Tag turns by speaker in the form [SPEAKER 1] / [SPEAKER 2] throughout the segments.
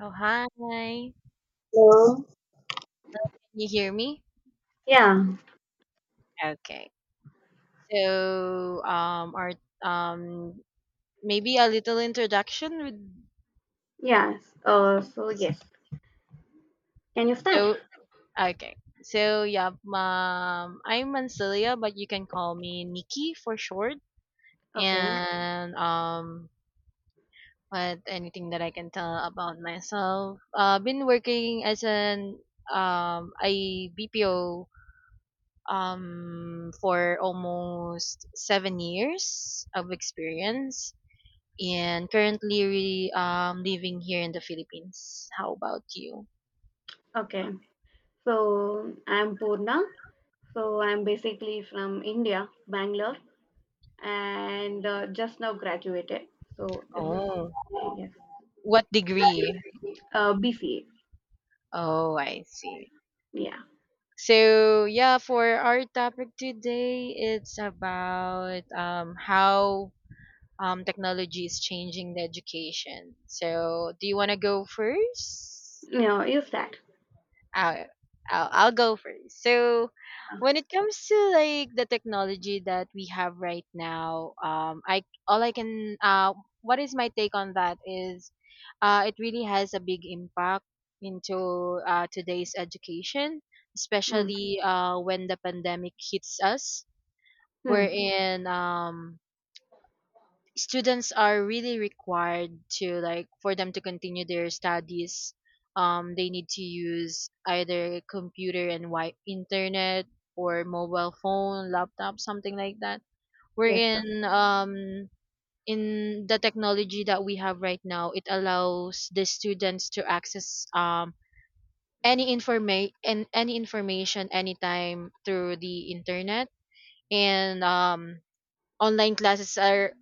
[SPEAKER 1] Oh, hi. Can
[SPEAKER 2] Hello.
[SPEAKER 1] you hear me?
[SPEAKER 2] Yeah,
[SPEAKER 1] Okay. So, our um, maybe a little introduction with
[SPEAKER 2] yes. So yes. Can you start?
[SPEAKER 1] so okay. So yeah, I'm Mancilia, but you can call me Nikki for short.
[SPEAKER 2] Okay,
[SPEAKER 1] And but anything that I can tell about myself, been working as an a BPO for almost 7 years of experience, and currently living here in the Philippines. How about you?
[SPEAKER 2] okay. So I'm Purna. So I'm basically from India, Bangalore, and just now graduated. So this is
[SPEAKER 1] Oh,
[SPEAKER 2] yes.
[SPEAKER 1] what degree?
[SPEAKER 2] BCA.
[SPEAKER 1] Oh, I see.
[SPEAKER 2] Yeah.
[SPEAKER 1] So, yeah, for our topic today, it's about how technology is changing the education. So, do you want to go first?
[SPEAKER 2] No, you start.
[SPEAKER 1] I'll, I'll go first. So,
[SPEAKER 2] Uh,
[SPEAKER 1] when it comes to like the technology that we have right now, I all I can what is my take on that is, it really has a big impact into today's education,
[SPEAKER 2] mm,
[SPEAKER 1] especially when the pandemic hits us.
[SPEAKER 2] mm.
[SPEAKER 1] Wherein students are really required to, like, for them to continue their studies, they need to use either computer and internet or mobile phone, laptop, something like that. We're
[SPEAKER 2] Yes, sir.
[SPEAKER 1] in In the technology that we have right now, it allows the students to access any informa- and any information anytime through the internet. And Online classes are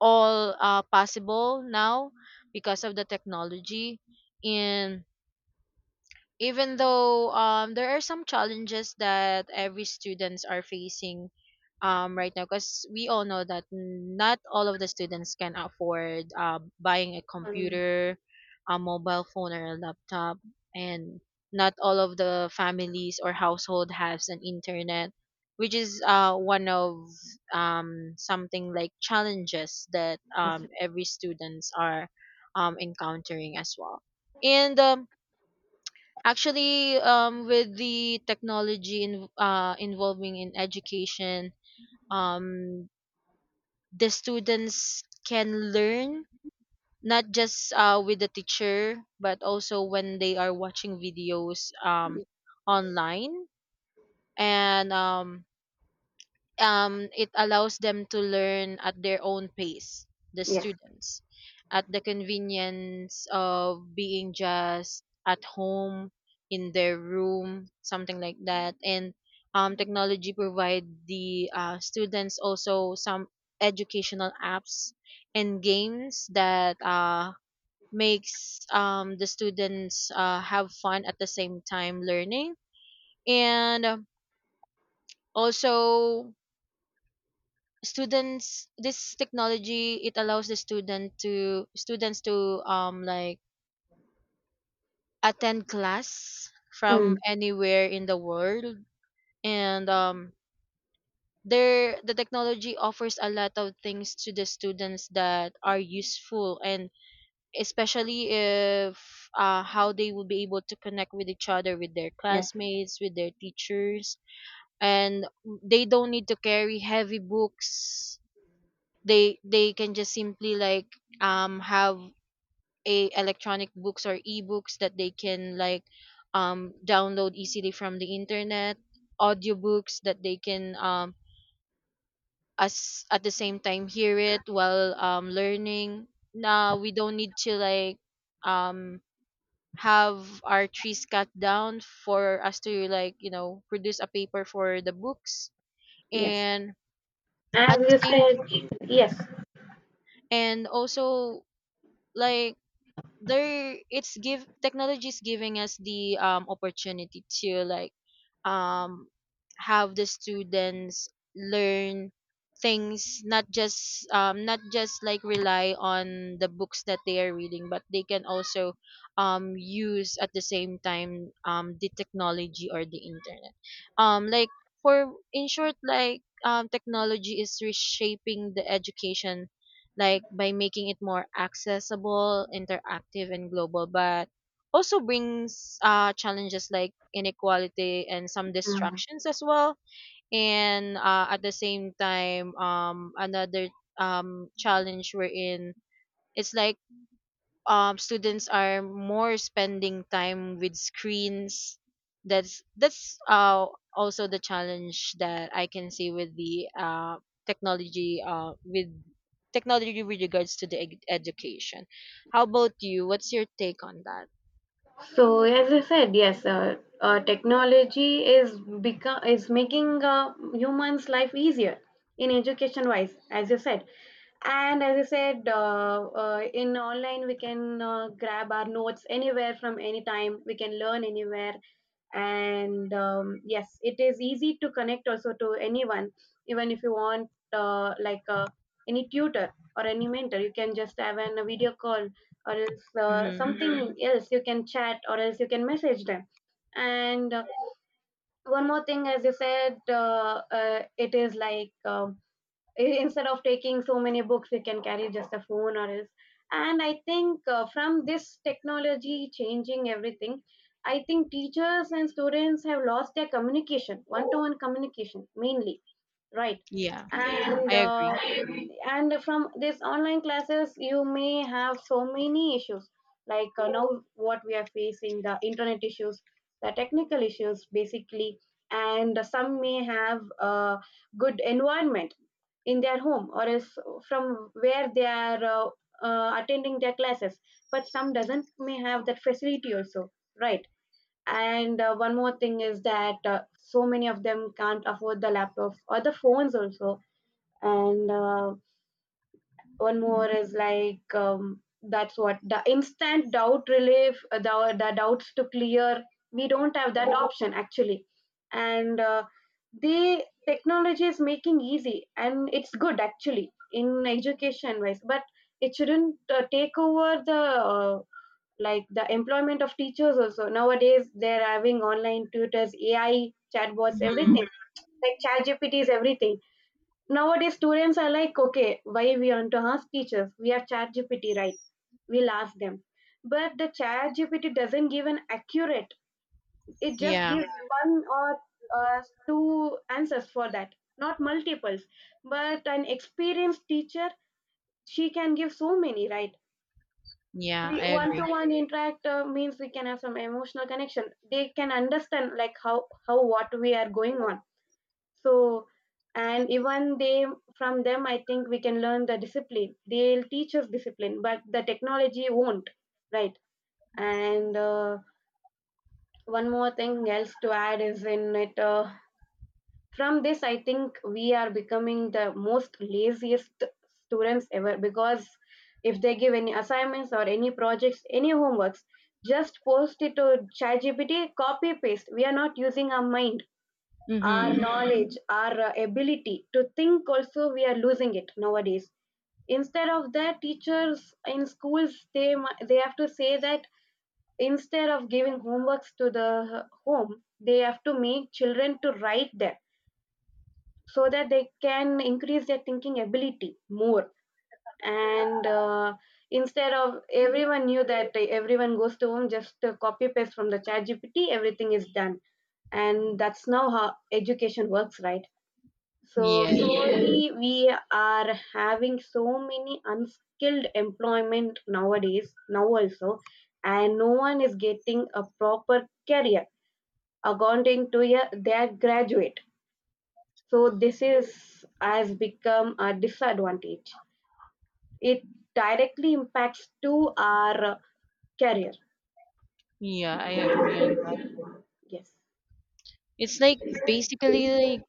[SPEAKER 1] all possible now because of the technology. And even though there are some challenges that every students are facing right now, because we all know that not all of the students can afford buying a
[SPEAKER 2] Um,
[SPEAKER 1] computer, a mobile phone, or a laptop. And not all of the families or household has an internet, which is one of something like challenges that
[SPEAKER 2] yes, sir.
[SPEAKER 1] every students are encountering as well. And um, Actually, um, with the technology in, involving in education, um, the students can learn not just with the teacher, but also when they are watching videos online. And It allows them to learn at their own pace, the
[SPEAKER 2] Yes.
[SPEAKER 1] students, at the convenience of being just at home in their room, something like that. And technology provide the students also some educational apps and games that makes the students have fun at the same time learning. And um, also students this technology, it allows the students to like attend class
[SPEAKER 2] Mm,
[SPEAKER 1] from anywhere in the world. And there The technology offers a lot of things to the students that are useful, and especially if how they will be able to connect with each other, with their
[SPEAKER 2] yes, sir.
[SPEAKER 1] classmates, with their teachers. And they don't need to carry heavy books. They can just simply, like, have a electronic books or ebooks that they can, like, download easily from the internet. Audiobooks that they can as at the same time hear it while learning. Now we don't need to, like, um have our trees cut down for us to, like, you know, produce a paper for the books.
[SPEAKER 2] Yes.
[SPEAKER 1] And
[SPEAKER 2] As
[SPEAKER 1] at the
[SPEAKER 2] you
[SPEAKER 1] same
[SPEAKER 2] said, yes.
[SPEAKER 1] and also like there it's give technology is giving us the opportunity to, like, um have the students learn things, not just like rely on the books that they are reading, but they can also use at the same time the technology or the internet. Um like for in short like um technology is reshaping the education, like, by making it more accessible, interactive, and global, but also brings challenges like inequality and some
[SPEAKER 2] Mm.
[SPEAKER 1] distractions as well. And at the same time, another challenge we're in, it's like students are more spending time with screens. That's also the challenge that I can see with the technology, with technology with regards to the education. How about you? What's your take on that?
[SPEAKER 2] So as I said, yes, technology is become is making humans' life easier in education wise, as you said, and as I said, in online we can grab our notes anywhere from any time. We can learn anywhere, and yes, it is easy to connect also to anyone, even if you want any tutor or any mentor. You can just have a video call or else
[SPEAKER 1] Mm-hmm.
[SPEAKER 2] something else. You can chat or else you can message them. And one more thing, as you said, it is like instead of taking so many books, we can carry just a phone or else. And I think from this technology changing everything, I think teachers and students have lost their communication, one to one communication mainly, right?
[SPEAKER 1] Yeah,
[SPEAKER 2] and
[SPEAKER 1] I
[SPEAKER 2] uh,
[SPEAKER 1] agree.
[SPEAKER 2] and from these online classes, you may have so many issues. Like now what we are facing, the internet issues, the technical issues basically. And some may have a good environment in their home, or is from where they are attending their classes, but some doesn't may have that facility also, right? And one more thing is that so many of them can't afford the laptops or the phones also. And one more is like that's what the instant doubt relief, the doubts to clear. We don't have that option actually. And the technology is making easy and it's good actually in education wise, but it shouldn't take over the like the employment of teachers. Also, nowadays they're having online tutors, AI chatbots, everything.
[SPEAKER 1] Mm-hmm.
[SPEAKER 2] Like ChatGPT is everything. Nowadays students are like, okay, why we want to ask teachers? We have ChatGPT, right? We'll ask them. But the ChatGPT doesn't give an accurate, it just
[SPEAKER 1] Yeah,
[SPEAKER 2] gives one or uh, two answers for that, not multiples. But an experienced teacher, she can give so many, right?
[SPEAKER 1] yeah,
[SPEAKER 2] We
[SPEAKER 1] I agree.
[SPEAKER 2] one-to-one interact, means we can have some emotional connection. They can understand like how what we are going on. So, and even they, from them I think we can learn the discipline. They'll teach us discipline, but the technology won't, right? and One more thing else to add is in it. From this I think we are becoming the most laziest students ever. Because if they give any assignments or any projects, any homeworks, just post it to ChatGPT, copy paste. We are not using our mind, our
[SPEAKER 1] Mm-hmm.
[SPEAKER 2] knowledge, our ability to think. Also, we are losing it nowadays. Instead of that, teachers in schools, they have to say that instead of giving homeworks to the uh, home, they have to make children to write them, so that they can increase their thinking ability more. And instead of everyone knew that, everyone goes to home, just copy paste from the chat gpt everything is done. And that's now how education works, right? So
[SPEAKER 1] Yes,
[SPEAKER 2] slowly, yeah, we are having so many unskilled employment nowadays now also. And no one is getting a proper career according to, yeah, their graduate. So this is has become a disadvantage. It directly impacts to our career.
[SPEAKER 1] yeah, I agree on that.
[SPEAKER 2] Yes.
[SPEAKER 1] It's like basically like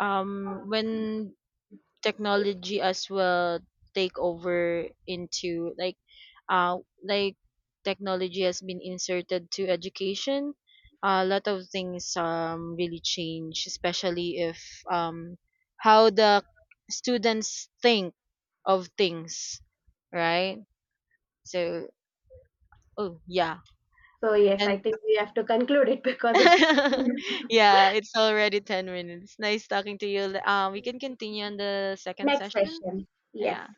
[SPEAKER 1] when technology as well take over into like uh like technology has been inserted to education, a lot of things really change, especially if um how the students think of things, right? So oh yeah.
[SPEAKER 2] So yes,
[SPEAKER 1] And
[SPEAKER 2] I think we have to conclude it because it's
[SPEAKER 1] yeah, it's already 10 minutes. Nice talking to you. We can continue on the second
[SPEAKER 2] next
[SPEAKER 1] session.
[SPEAKER 2] session. Yes.
[SPEAKER 1] Yeah.